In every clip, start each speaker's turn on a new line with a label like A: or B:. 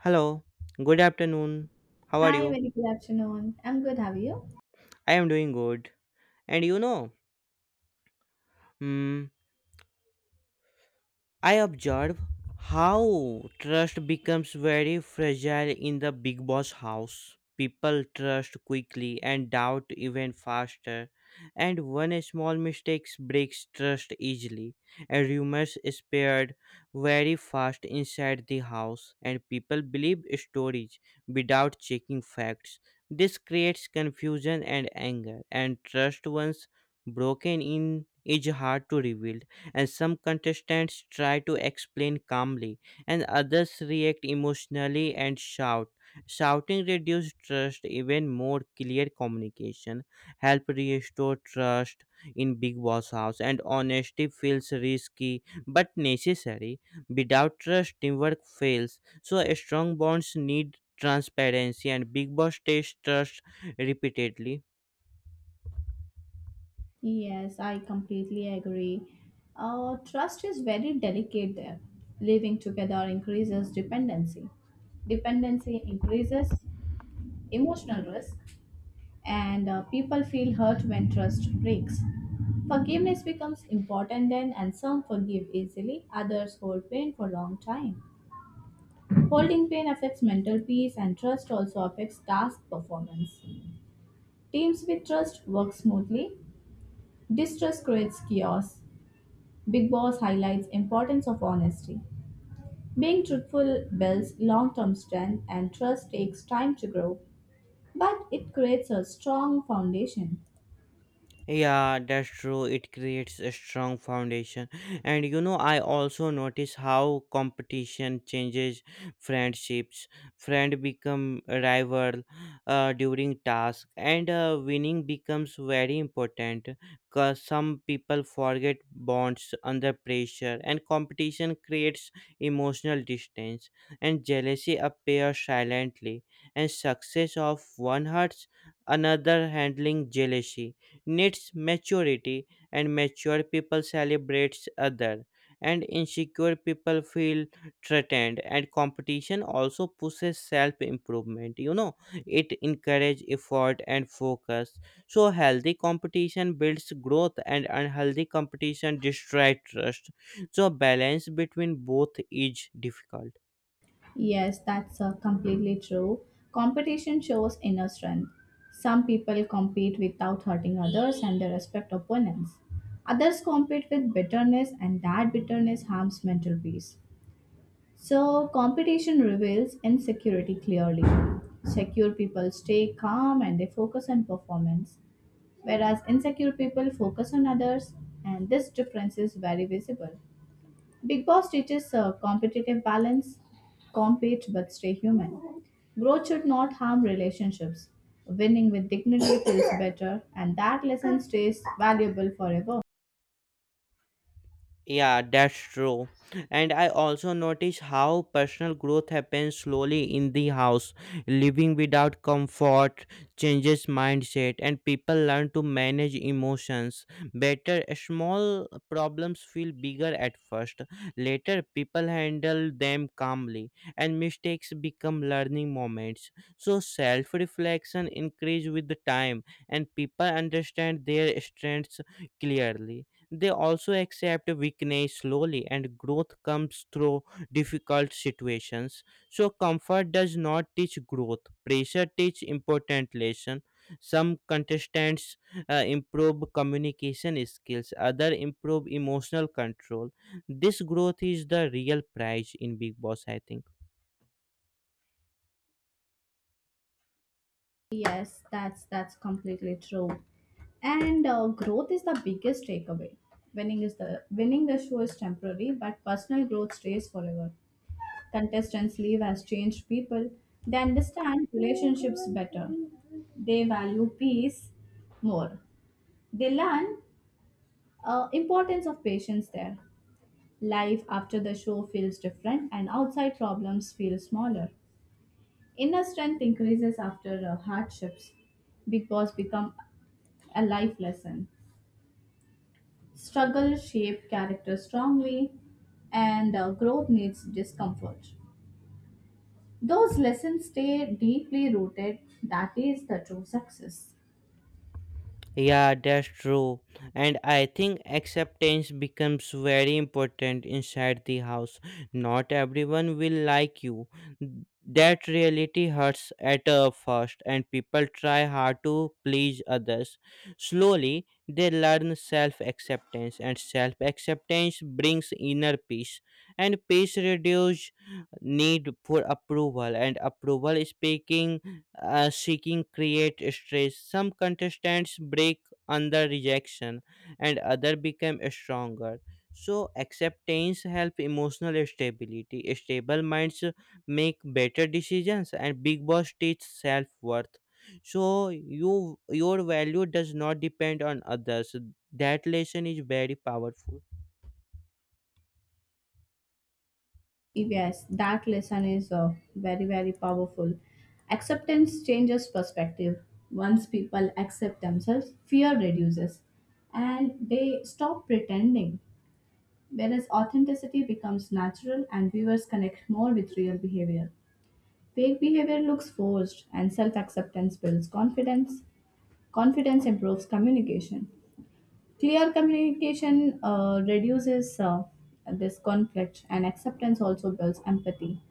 A: Hello, good afternoon. How are
B: Hi,
A: you?
B: very good afternoon. I'm good, have you?
A: I am doing good. And mm, I observe how trust becomes very fragile in the Big Boss house. People trust quickly and doubt even faster, and one small mistake breaks trust easily. And rumors spread very fast inside the house, and people believe stories without checking facts. This creates confusion and anger, and trust once broken in is hard to rebuild, and some contestants try to explain calmly and others react emotionally and shout. Shouting reduces trust even more. Clear communication help restore trust in Big Boss house, and honesty feels risky but necessary. Without trust teamwork fails, so strong bonds need transparency, and Big Boss tests trust repeatedly.
B: Yes, I completely agree. Trust is very delicate there. Living together increases dependency. Dependency increases emotional risk, and people feel hurt when trust breaks. Forgiveness becomes important then, and some forgive easily, others hold pain for a long time. Holding pain affects mental peace, and trust also affects task performance. Teams with trust work smoothly, distrust creates chaos. Big Boss highlights importance of honesty. Being truthful builds long-term strength and trust takes time to grow, but it creates a strong foundation.
A: Yeah, that's true. It creates a strong foundation. And I also notice how competition changes friendships. Friend become a rival during task, and winning becomes very important because some people forget bonds under pressure, and competition creates emotional distance, and jealousy appears silently, and success of one hurts another. Handling jealousy needs maturity, and mature people celebrates other, and insecure people feel threatened. And competition also pushes self improvement. It encourages effort and focus. So healthy competition builds growth and unhealthy competition destroys trust, so balance between both is difficult.
B: Yes, that's completely true. Competition shows inner strength. Some people compete without hurting others and they respect opponents. Others compete with bitterness and that bitterness harms mental peace. So, competition reveals insecurity clearly. Secure people stay calm and they focus on performance, whereas insecure people focus on others, and this difference is very visible. Big Boss teaches a competitive balance, compete but stay human. Growth should not harm relationships. Winning with dignity feels better, and that lesson stays valuable forever.
A: Yeah, that's true. And I also notice how personal growth happens slowly in the house. Living without comfort changes mindset, and people learn to manage emotions better. Small problems feel bigger at first. Later, people handle them calmly, and mistakes become learning moments. So, self reflection increases with the time, and people understand their strengths clearly. They also accept weakness slowly, and growth comes through difficult situations. So, comfort does not teach growth, pressure teaches important lesson. Some contestants improve communication skills, other improve emotional control. This growth is the real prize in Big Boss, I think.
B: Yes, that's completely true. And growth is the biggest takeaway. Winning the show is temporary, but personal growth stays forever. Contestants leave as changed people. They understand relationships better. They value peace more. They learn importance of patience there. Life after the show feels different, and outside problems feel smaller. Inner strength increases after hardships. Big Boss become a life lesson. Struggle shape character strongly, and growth needs discomfort. Those lessons stay deeply rooted. That is the true success.
A: Yeah, that's true. And I think acceptance becomes very important inside the house. Not everyone will like you. That reality hurts at first, and people try hard to please others. Slowly, they learn self acceptance, and self acceptance brings inner peace. And peace reduces need for approval, and approval speaking seeking create stress. Some contestants break under rejection, and other become stronger. So acceptance help emotional stability. Stable minds make better decisions, and Big Boss teach self worth. So your value does not depend on others. That lesson is very powerful.
B: Yes, that lesson is very, very powerful. Acceptance changes perspective. Once people accept themselves, fear reduces and they stop pretending, whereas authenticity becomes natural and viewers connect more with real behavior. Fake behavior looks forced, and self acceptance builds confidence. Confidence improves communication. Clear communication reduces this conflict, and acceptance also builds empathy.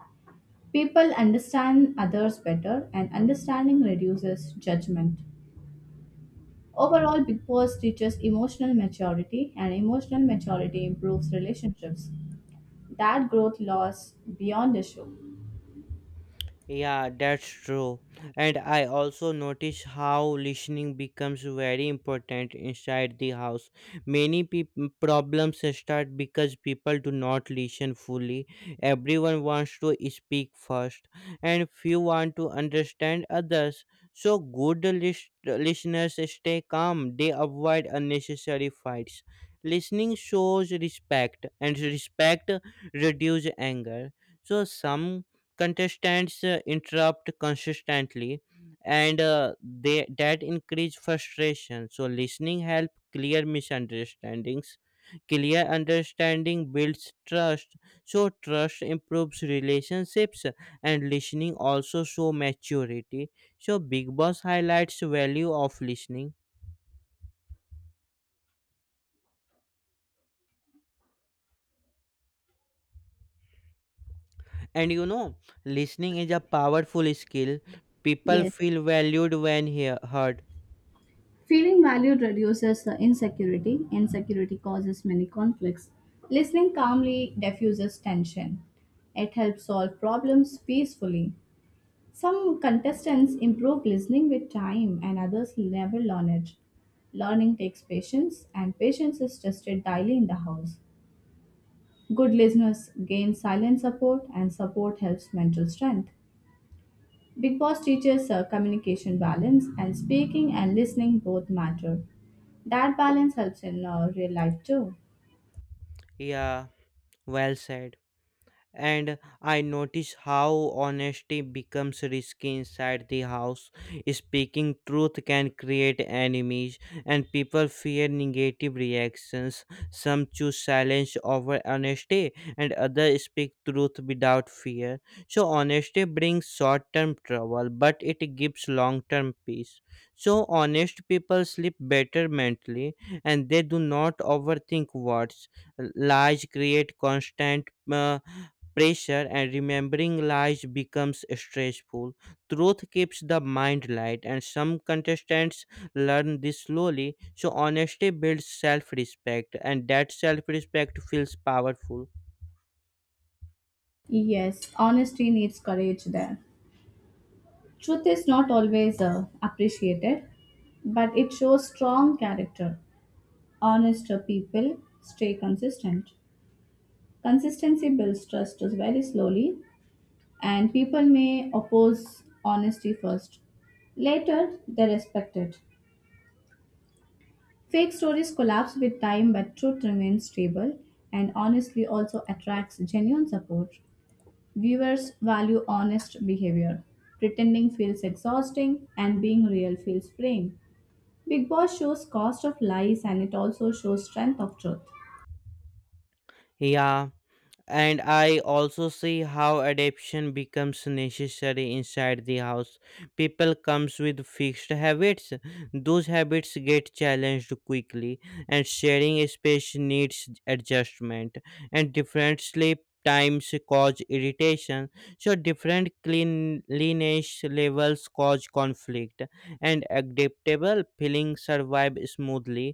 B: People understand others better, and understanding reduces judgment. Overall, Big Boss teaches emotional maturity, and emotional maturity improves relationships. That growth lasts beyond the show.
A: Yeah, that's true. And I also notice how listening becomes very important inside the house. Many problems start because people do not listen fully. Everyone wants to speak first, and few want to understand others. So, good listeners stay calm, they avoid unnecessary fights. Listening shows respect, and respect reduces anger. So, some contestants interrupt consistently, and they that increase frustration. So listening help clear misunderstandings. Clear understanding builds trust, so trust improves relationships, and listening also show maturity. So Big Boss highlights value of listening. And listening is a powerful skill. People
B: Yes.
A: feel valued when heard.
B: Feeling valued reduces the insecurity. Insecurity causes many conflicts. Listening calmly diffuses tension. It helps solve problems peacefully. Some contestants improve listening with time, and others never learn it. Learning takes patience, and patience is tested daily in the house. Good listeners gain silent support, and support helps mental strength. Big Boss teaches communication balance, and speaking and listening both matter. That balance helps in real life too.
A: Yeah, well said. And I notice how honesty becomes risky inside the house. Speaking truth can create enemies, and people fear negative reactions. Some choose silence over honesty, and others speak truth without fear. So, honesty brings short term trouble, but it gives long term peace. So, honest people sleep better mentally, and they do not overthink words. Lies create constant pressure, and remembering lies becomes stressful. Truth keeps the mind light, and some contestants learn this slowly. So, honesty builds self respect, and that self respect feels powerful.
B: Yes, honesty needs courage there. Truth is not always appreciated, but it shows strong character. Honest people stay consistent. Consistency builds trust is very slowly, and people may oppose honesty first. Later, they respect it. Fake stories collapse with time, but truth remains stable and honestly also attracts genuine support. Viewers value honest behavior. Pretending feels exhausting and being real feels freeing. Big Boss shows cost of lies and it also shows strength of truth.
A: Yeah. And I also see how adaptation becomes necessary inside the house. People comes with fixed habits, those habits get challenged quickly, and sharing space needs adjustment, and different sleep times cause irritation, so different cleanliness levels cause conflict, and adaptable feelings survive smoothly.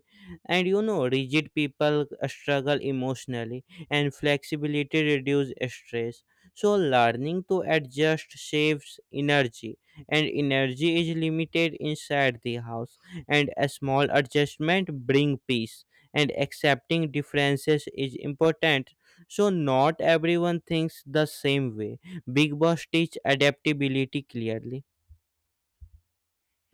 A: And rigid people struggle emotionally, and flexibility reduce stress. So learning to adjust saves energy, and energy is limited inside the house, and a small adjustment bring peace, and accepting differences is important, so not everyone thinks the same way. Big Boss teach adaptability clearly.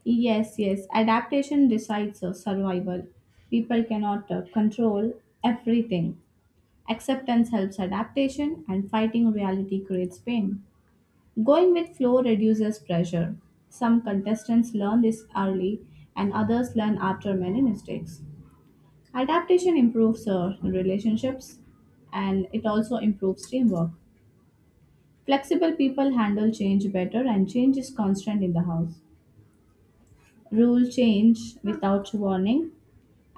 B: Yes, yes, adaptation decides of survival. People cannot control everything. Acceptance helps adaptation and fighting reality creates pain. Going with flow reduces pressure. Some contestants learn this early, and others learn after many mistakes. Adaptation improves relationships and it also improves teamwork. Flexible people handle change better, and change is constant in the house. Rule change without warning.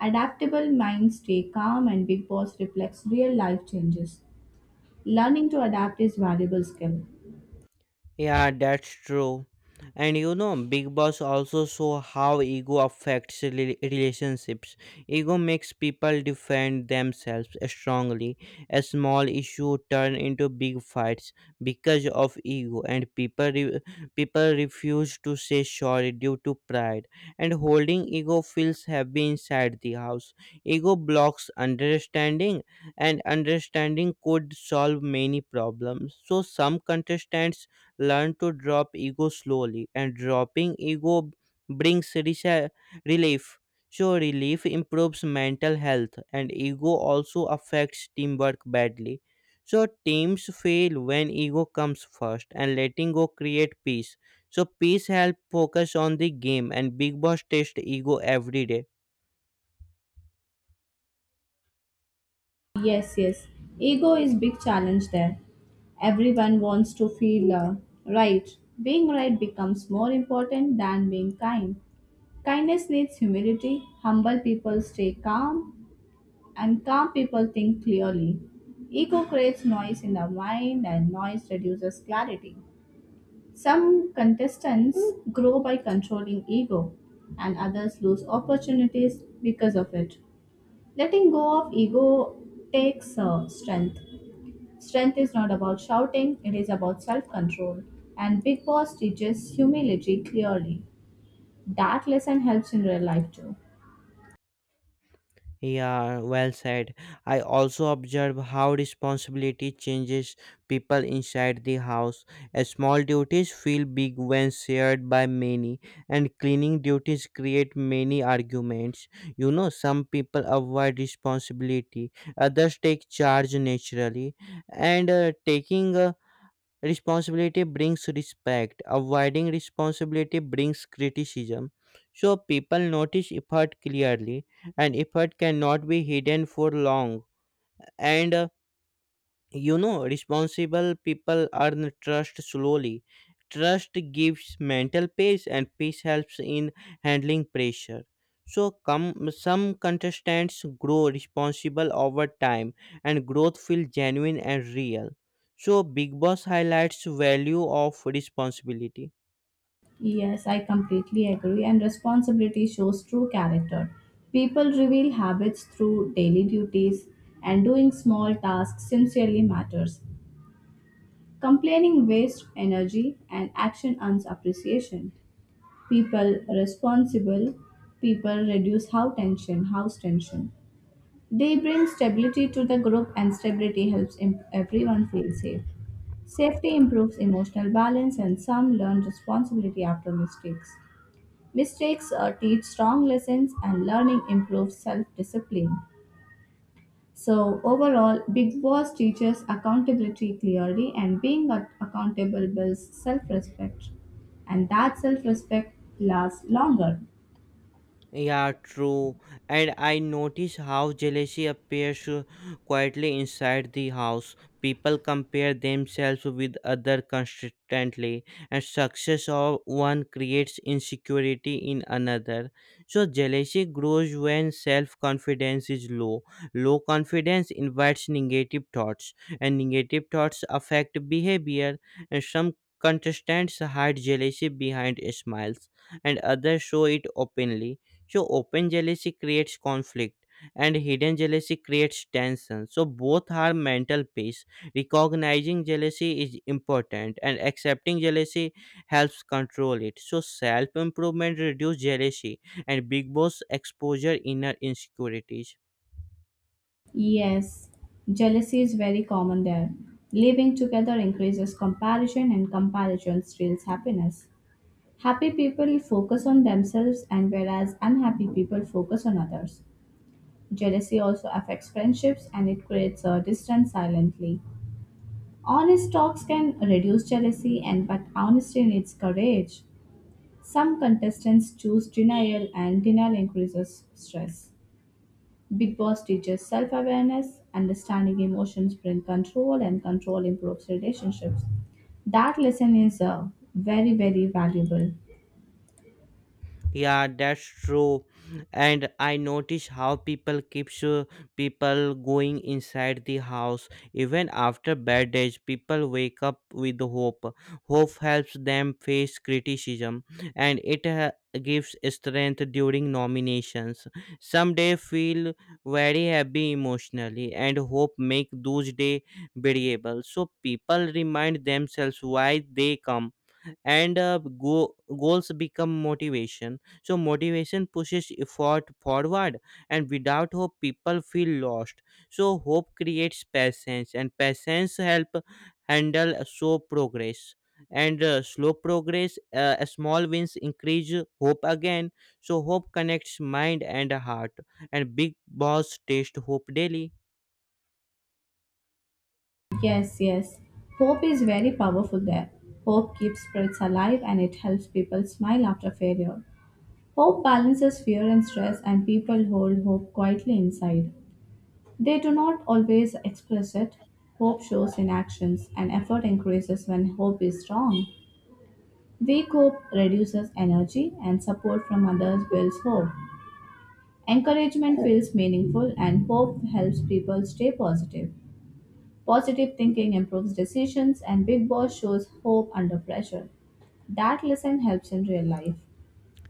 B: Adaptable minds stay calm, and Big Boss reflects real life changes. Learning to adapt is valuable skill.
A: Yeah, that's true. And Big Boss also show how ego affects relationships. Ego makes people defend themselves strongly. A small issue turn into big fights because of ego, and people refuse to say sorry due to pride. And holding ego feels heavy inside the house. Ego blocks understanding, and understanding could solve many problems. So some contestants learn to drop ego slowly, and dropping ego brings relief. So relief improves mental health, and ego also affects teamwork badly, so teams fail when ego comes first, and letting go create peace, so peace help focus on the game, and Big Boss test ego every day.
B: Yes, yes. Ego is big challenge there. Everyone wants to feel right. Being right becomes more important than being kind. Kindness needs humility. Humble people stay calm, and calm people think clearly. Ego creates noise in the mind, and noise reduces clarity. Some contestants grow by controlling ego, and others lose opportunities because of it. Letting go of ego takes strength. Strength is not about shouting, it is about self control. And Big Boss teaches humility clearly. That lesson helps in real life too.
A: Yeah, well said. I also observe how responsibility changes people inside the house. A small duties feel big when shared by many, and cleaning duties create many arguments. Some people avoid responsibility, others take charge naturally, and taking responsibility brings respect. Avoiding responsibility brings criticism. So people notice effort clearly, and effort cannot be hidden for long. And uh, Responsible people earn trust slowly. Trust gives mental peace, and peace helps in handling pressure. So, some contestants grow responsible over time, and growth feels genuine and real. So, Big Boss highlights value of responsibility.
B: Yes, I completely agree. And responsibility shows true character. People reveal habits through daily duties, and doing small tasks sincerely matters. Complaining wastes energy, and action earns appreciation. People responsible People reduce how tension, house tension. They bring stability to the group, and stability helps everyone feel safe. Safety improves emotional balance, and some learn responsibility after mistakes. Mistakes teach strong lessons, and learning improves self discipline. So, overall, Big Boss teaches accountability clearly, and being accountable builds self respect, and that self respect lasts longer.
A: Yeah, true. And I notice how jealousy appears quietly inside the house. People compare themselves with other constantly, and success of one creates insecurity in another. So jealousy grows when self-confidence is low. Low confidence invites negative thoughts, and negative thoughts affect behavior. And some contestants hide jealousy behind smiles, and others show it openly. So open jealousy creates conflict, and hidden jealousy creates tension. So both are mental peace. Recognizing jealousy is important, and accepting jealousy helps control it. So self improvement reduces jealousy, and Big Boss exposure inner insecurities.
B: Yes, jealousy is very common there. Living together increases comparison, and comparison steals happiness. Happy people focus on themselves, and whereas unhappy people focus on others. Jealousy also affects friendships and it creates a distance silently. Honest talks can reduce jealousy, and but honesty needs courage. Some contestants choose denial, and denial increases stress. Big Boss teaches self awareness, understanding emotions brings control, and control improves relationships. That lesson is very, very valuable.
A: Yeah, that's true. And I notice how people keeps people going inside the house even after bad days. People wake up with hope. Hope helps them face criticism, and it gives strength during nominations. Some day feel very happy emotionally, and hope make those day variable. So people remind themselves why they come, and goals become motivation. So motivation pushes effort forward, and without hope people feel lost. So hope creates patience, and patience help handle slow progress. And slow progress small wins increase hope again. So hope connects mind and heart, and Big Boss taste hope daily.
B: Yes, yes. Hope is very powerful there. Hope keeps spirits alive and it helps people smile after failure. Hope balances fear and stress, and people hold hope quietly inside. They do not always express it. Hope shows in actions, and effort increases when hope is strong. Weak hope reduces energy, and support from others builds hope. Encouragement feels meaningful, and hope helps people stay positive. Positive thinking improves decisions, and Big Boss shows hope under pressure. That lesson helps in real life.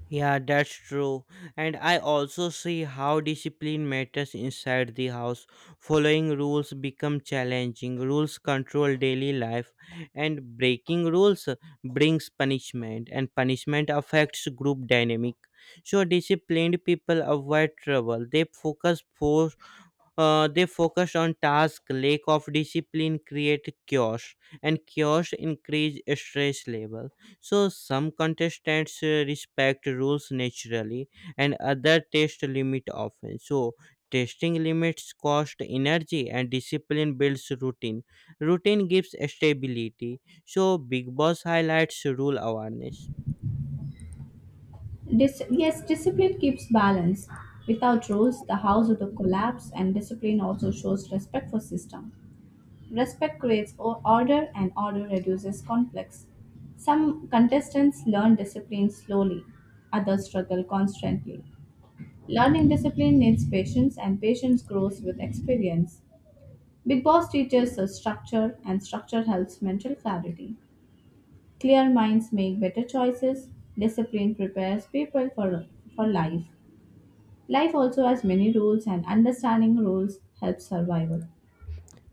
A: Yeah, that's true. And I also see how discipline matters inside the house. Following rules become challenging. Rules control daily life, and breaking rules brings punishment, and punishment affects group dynamic. So disciplined people avoid trouble. They focus for. They focus on task. Lack of discipline create chaos, and chaos increase stress level. So some contestants respect rules naturally, and other test limit often. So testing limits cost energy, and discipline builds routine. Routine gives stability, so Big Boss highlights rule awareness.
B: Yes, discipline keeps balance. Without rules, the house would collapse, and discipline also shows respect for system. Respect creates order and order reduces conflicts. Some contestants learn discipline slowly, others struggle constantly. Learning discipline needs patience, and patience grows with experience. Big Boss teaches us structure, and structure helps mental clarity. Clear minds make better choices. Discipline prepares people for life. Life also has many rules, and understanding rules helps survival.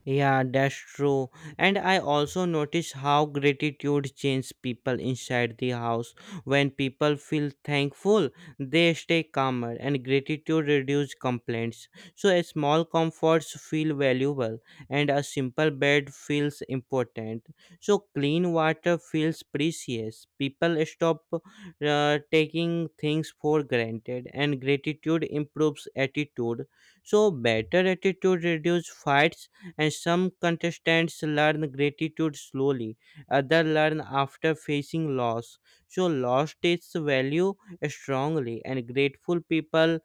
A: Yeah, that's true. And I also notice how gratitude changes people inside the house. When people feel thankful, they stay calmer, and gratitude reduces complaints. So, a small comforts feel valuable, and a simple bed feels important. So, clean water feels precious. People stop taking things for granted, and gratitude improves attitude. So better attitude reduces fights, and some contestants learn gratitude slowly, others learn after facing loss. So loss takes value strongly, and grateful people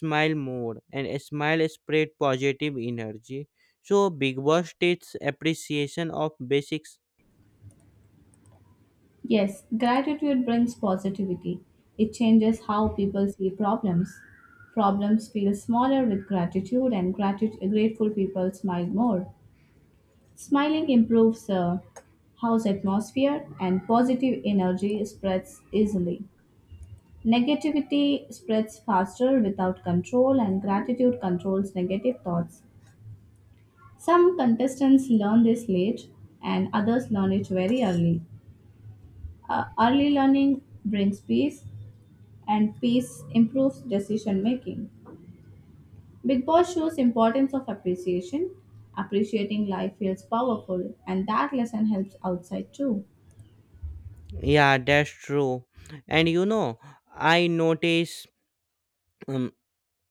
A: smile more, and smile spread positive energy. So Big Boss takes appreciation of basics.
B: Yes, gratitude brings positivity. It changes how people see problems. Problems feel smaller with gratitude, and grateful people smile more. Smiling improves house atmosphere, and positive energy spreads easily. Negativity spreads faster without control, and gratitude controls negative thoughts. Some contestants learn this late, and others learn it very early. Early learning brings peace, and peace improves decision making. Big Boss shows importance of appreciation. Appreciating life feels powerful and that lesson helps outside too.
A: Yeah, that's true. and you know i notice um,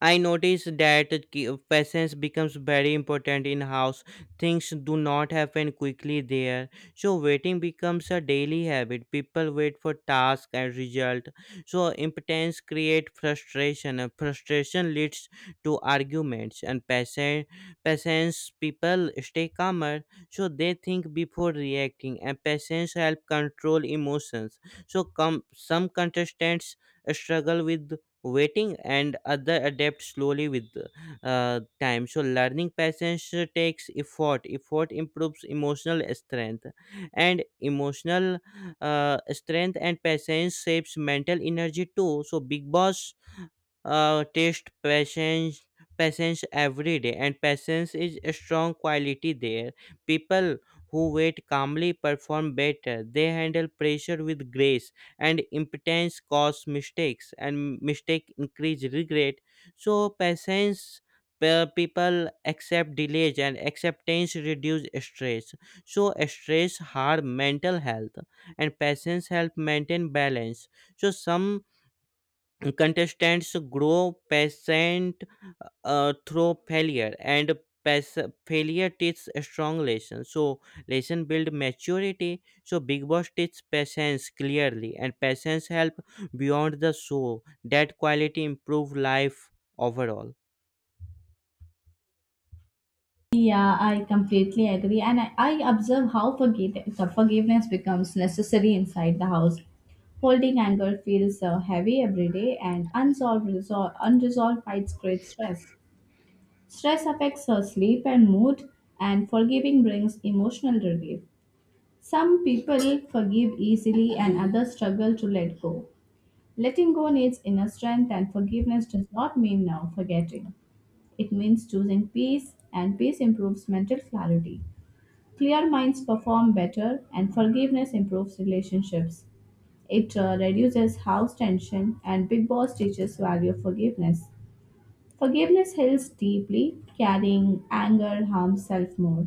A: I noticed that patience becomes very important in house. Things do not happen quickly there. So waiting becomes a daily habit. People wait for task and result. So impotence create frustration, and frustration leads to arguments. And patience people stay calmer, so they think before reacting, and patience help control emotions. So come some contestants struggle with waiting, and other adapt slowly with time. So learning patience takes effort. Effort improves emotional strength, and emotional strength and patience shapes mental energy too. So Big Boss test patience every day. And patience is a strong quality there. People who wait calmly perform better, they handle pressure with grace. And impotence cause mistakes, and mistake increase regret. So people accept delays, and acceptance reduce stress. So stress harm mental health, and patience help maintain balance. So some contestants grow patient through failure, and pas- failure teaches strong lesson. So lesson build maturity. So Big Boss teaches patience clearly, and patience help beyond the show. That quality improve life overall.
B: Yeah, I completely agree. And I observe how forgiveness becomes necessary inside the house. Holding anger feels heavy every day, and unresolved fights create stress. Stress affects her sleep and mood, and forgiving brings emotional relief. Some people forgive easily and others struggle to let go. Letting go needs inner strength, and forgiveness does not mean now forgetting. It means choosing peace, and peace improves mental clarity. Clear minds perform better, and forgiveness improves relationships. It reduces house tension, and Big Boss teaches value of forgiveness. Forgiveness heals deeply, carrying anger harms self more.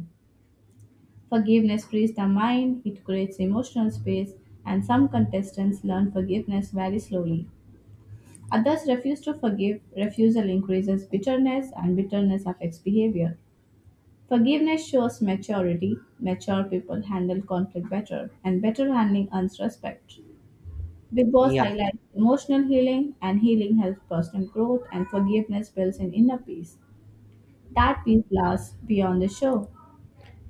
B: Forgiveness frees the mind, it creates emotional space, and some contestants learn forgiveness very slowly. Others refuse to forgive, refusal increases bitterness, and bitterness affects behavior. Forgiveness shows maturity. Mature people handle conflict better, and better handling earns respect. Big Boss
A: Yeah.
B: highlights emotional healing, and healing helps personal growth, and forgiveness builds an inner peace. That peace lasts beyond the show.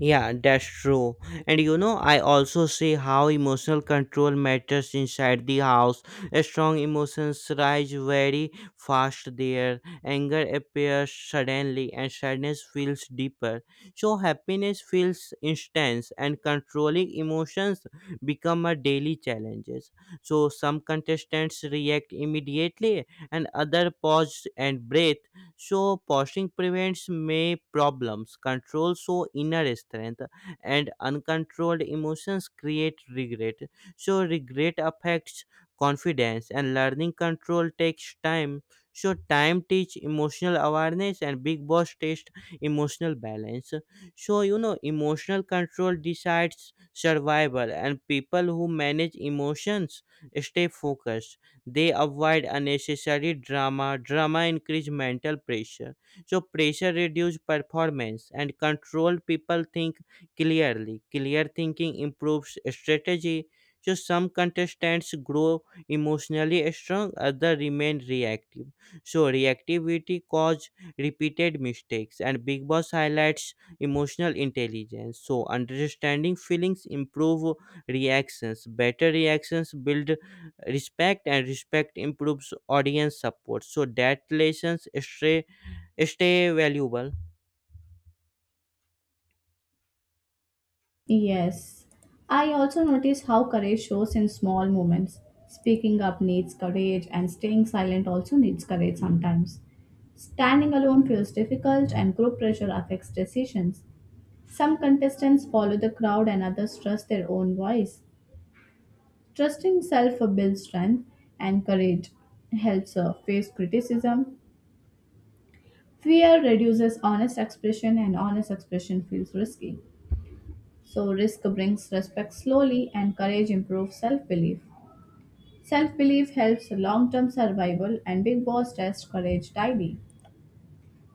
A: Yeah, that's true. And I also see how emotional control matters inside the house. A Strong emotions rise very fast there. Anger appears suddenly, and sadness feels deeper. So, happiness feels instant, and controlling emotions become a daily challenges. So, some contestants react immediately, and other pause and breathe. So pausing prevents may problems, control so inner strength, and uncontrolled emotions create regret. So regret affects confidence, and learning control takes time. So time teach emotional awareness, and Big Boss test emotional balance. So emotional control decides survival, and people who manage emotions stay focused. They avoid unnecessary drama. Drama increase mental pressure, so pressure reduce performance, and controlled people think clearly. Clear thinking improves strategy. So some contestants grow emotionally strong, others remain reactive. So reactivity cause repeated mistakes, and Big Boss highlights emotional intelligence. So understanding feelings improve reactions. Better reactions build respect, and respect improves audience support. So that lessons stay valuable.
B: Yes. I also notice how courage shows in small moments. Speaking up needs courage, and staying silent also needs courage sometimes. Standing alone feels difficult, and group pressure affects decisions. Some contestants follow the crowd, and others trust their own voice. Trusting self builds strength, and courage helps face criticism. Fear reduces honest expression, and honest expression feels risky. So, risk brings respect slowly, and courage improves self belief. Self belief helps long term survival, and Big Boss tests courage daily.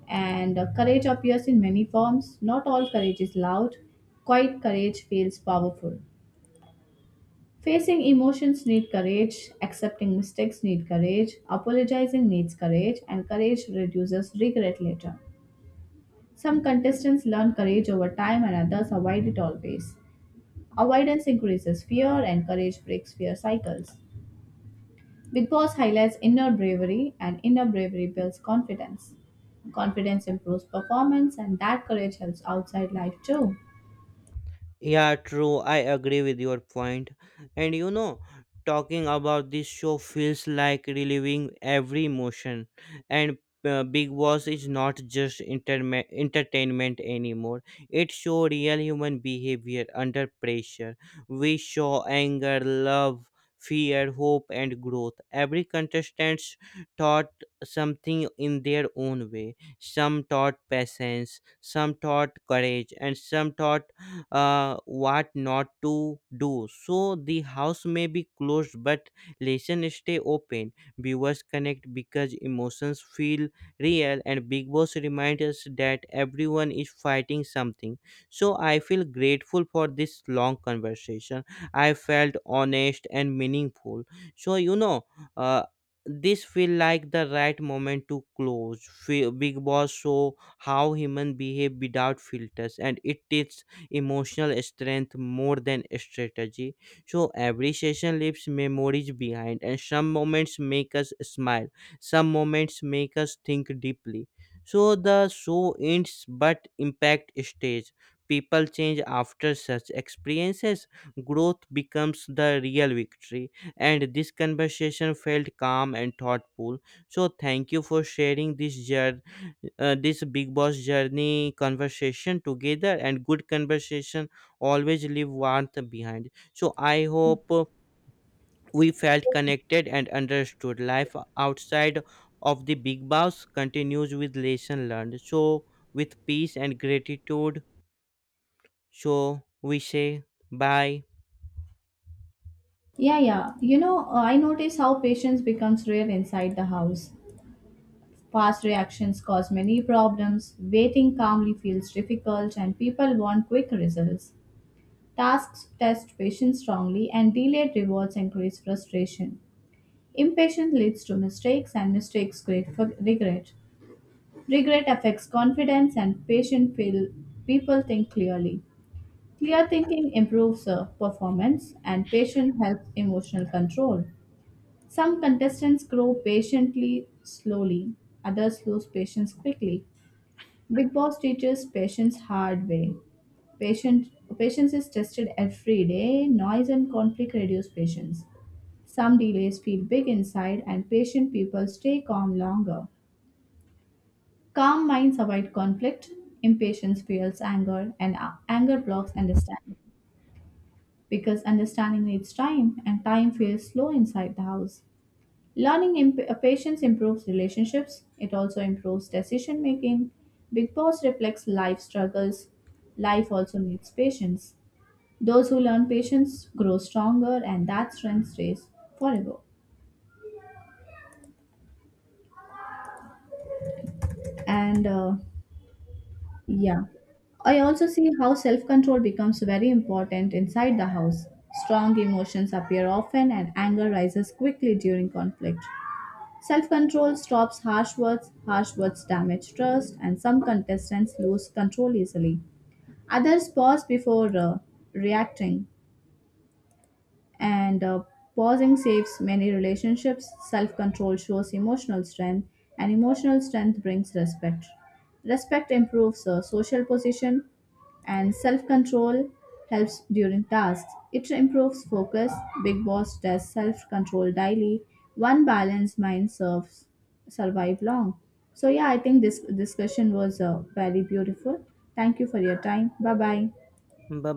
B: And courage appears in many forms. Not all courage is loud, quiet courage feels powerful. Facing emotions need courage, accepting mistakes need courage, apologizing needs courage, and courage reduces regret later. Some contestants learn courage over time and others avoid it always. Avoidance increases fear and courage breaks fear cycles. Big Boss highlights inner bravery and inner bravery builds confidence. Confidence improves performance and that courage helps outside life too.
A: Yeah, true. I agree with your point. And talking about this show feels like reliving every emotion. And Big Boss is not just entertainment anymore. It shows real human behavior under pressure. We show anger, love, fear, hope, and growth. Every contestant taught something in their own way. Some taught patience, some taught courage, and some taught what not to do. So the house may be closed, but lessons stay open. Viewers connect because emotions feel real, and Big Boss reminds us that everyone is fighting something. So I feel grateful for this long conversation. I felt honest and meaningful. So uh, this feel like the right moment to close. Big Boss show how human behave without filters, and it is emotional strength more than strategy. So every session leaves memories behind, and some moments make us smile, some moments make us think deeply. So the show ends, but impact stays. People change after such experiences. Growth becomes the real victory. And this conversation felt calm and thoughtful. So, thank you for sharing this journey, this Big Boss journey conversation together. And good conversation always leave warmth behind. So I hope we felt connected and understood. Life outside of the Big Boss continues with lesson learned. So with peace and gratitude, so we say bye.
B: Yeah, yeah. You know, I notice how patience becomes rare inside the house. Fast reactions cause many problems, waiting calmly feels difficult, and people want quick results. Tasks test patience strongly, and delayed rewards increase frustration. Impatience leads to mistakes, and mistakes create for regret. Regret affects confidence, and people think clearly. Clear thinking improves performance, and patience helps emotional control. Some contestants grow patiently slowly, others lose patience quickly. Big Boss teaches patience hard way. Patient, Patience is tested every day. Noise and conflict reduce patience. Some delays feel big inside, and patient people stay calm longer. Calm minds avoid conflict, impatience fuels anger, and anger blocks understanding. Because understanding needs time, and time feels slow inside the house. Learning patience improves relationships, it also improves decision making. Big Boss reflects life struggles. Life also needs patience. Those who learn patience grow stronger, and that strength stays forever. And yeah. I also see how self control becomes very important inside the house. Strong emotions appear often and anger rises quickly during conflict. Self control stops harsh words damage trust, and some contestants lose control easily. Others pause before reacting and pausing saves many relationships. Self control shows emotional strength and emotional strength brings respect. Respect improves social position and self control helps during tasks, it improves focus. Big Boss tests self control daily. One balanced mind serves survive long. So yeah, I think this discussion was very beautiful. Thank you for your time. Bye bye.
A: Bye.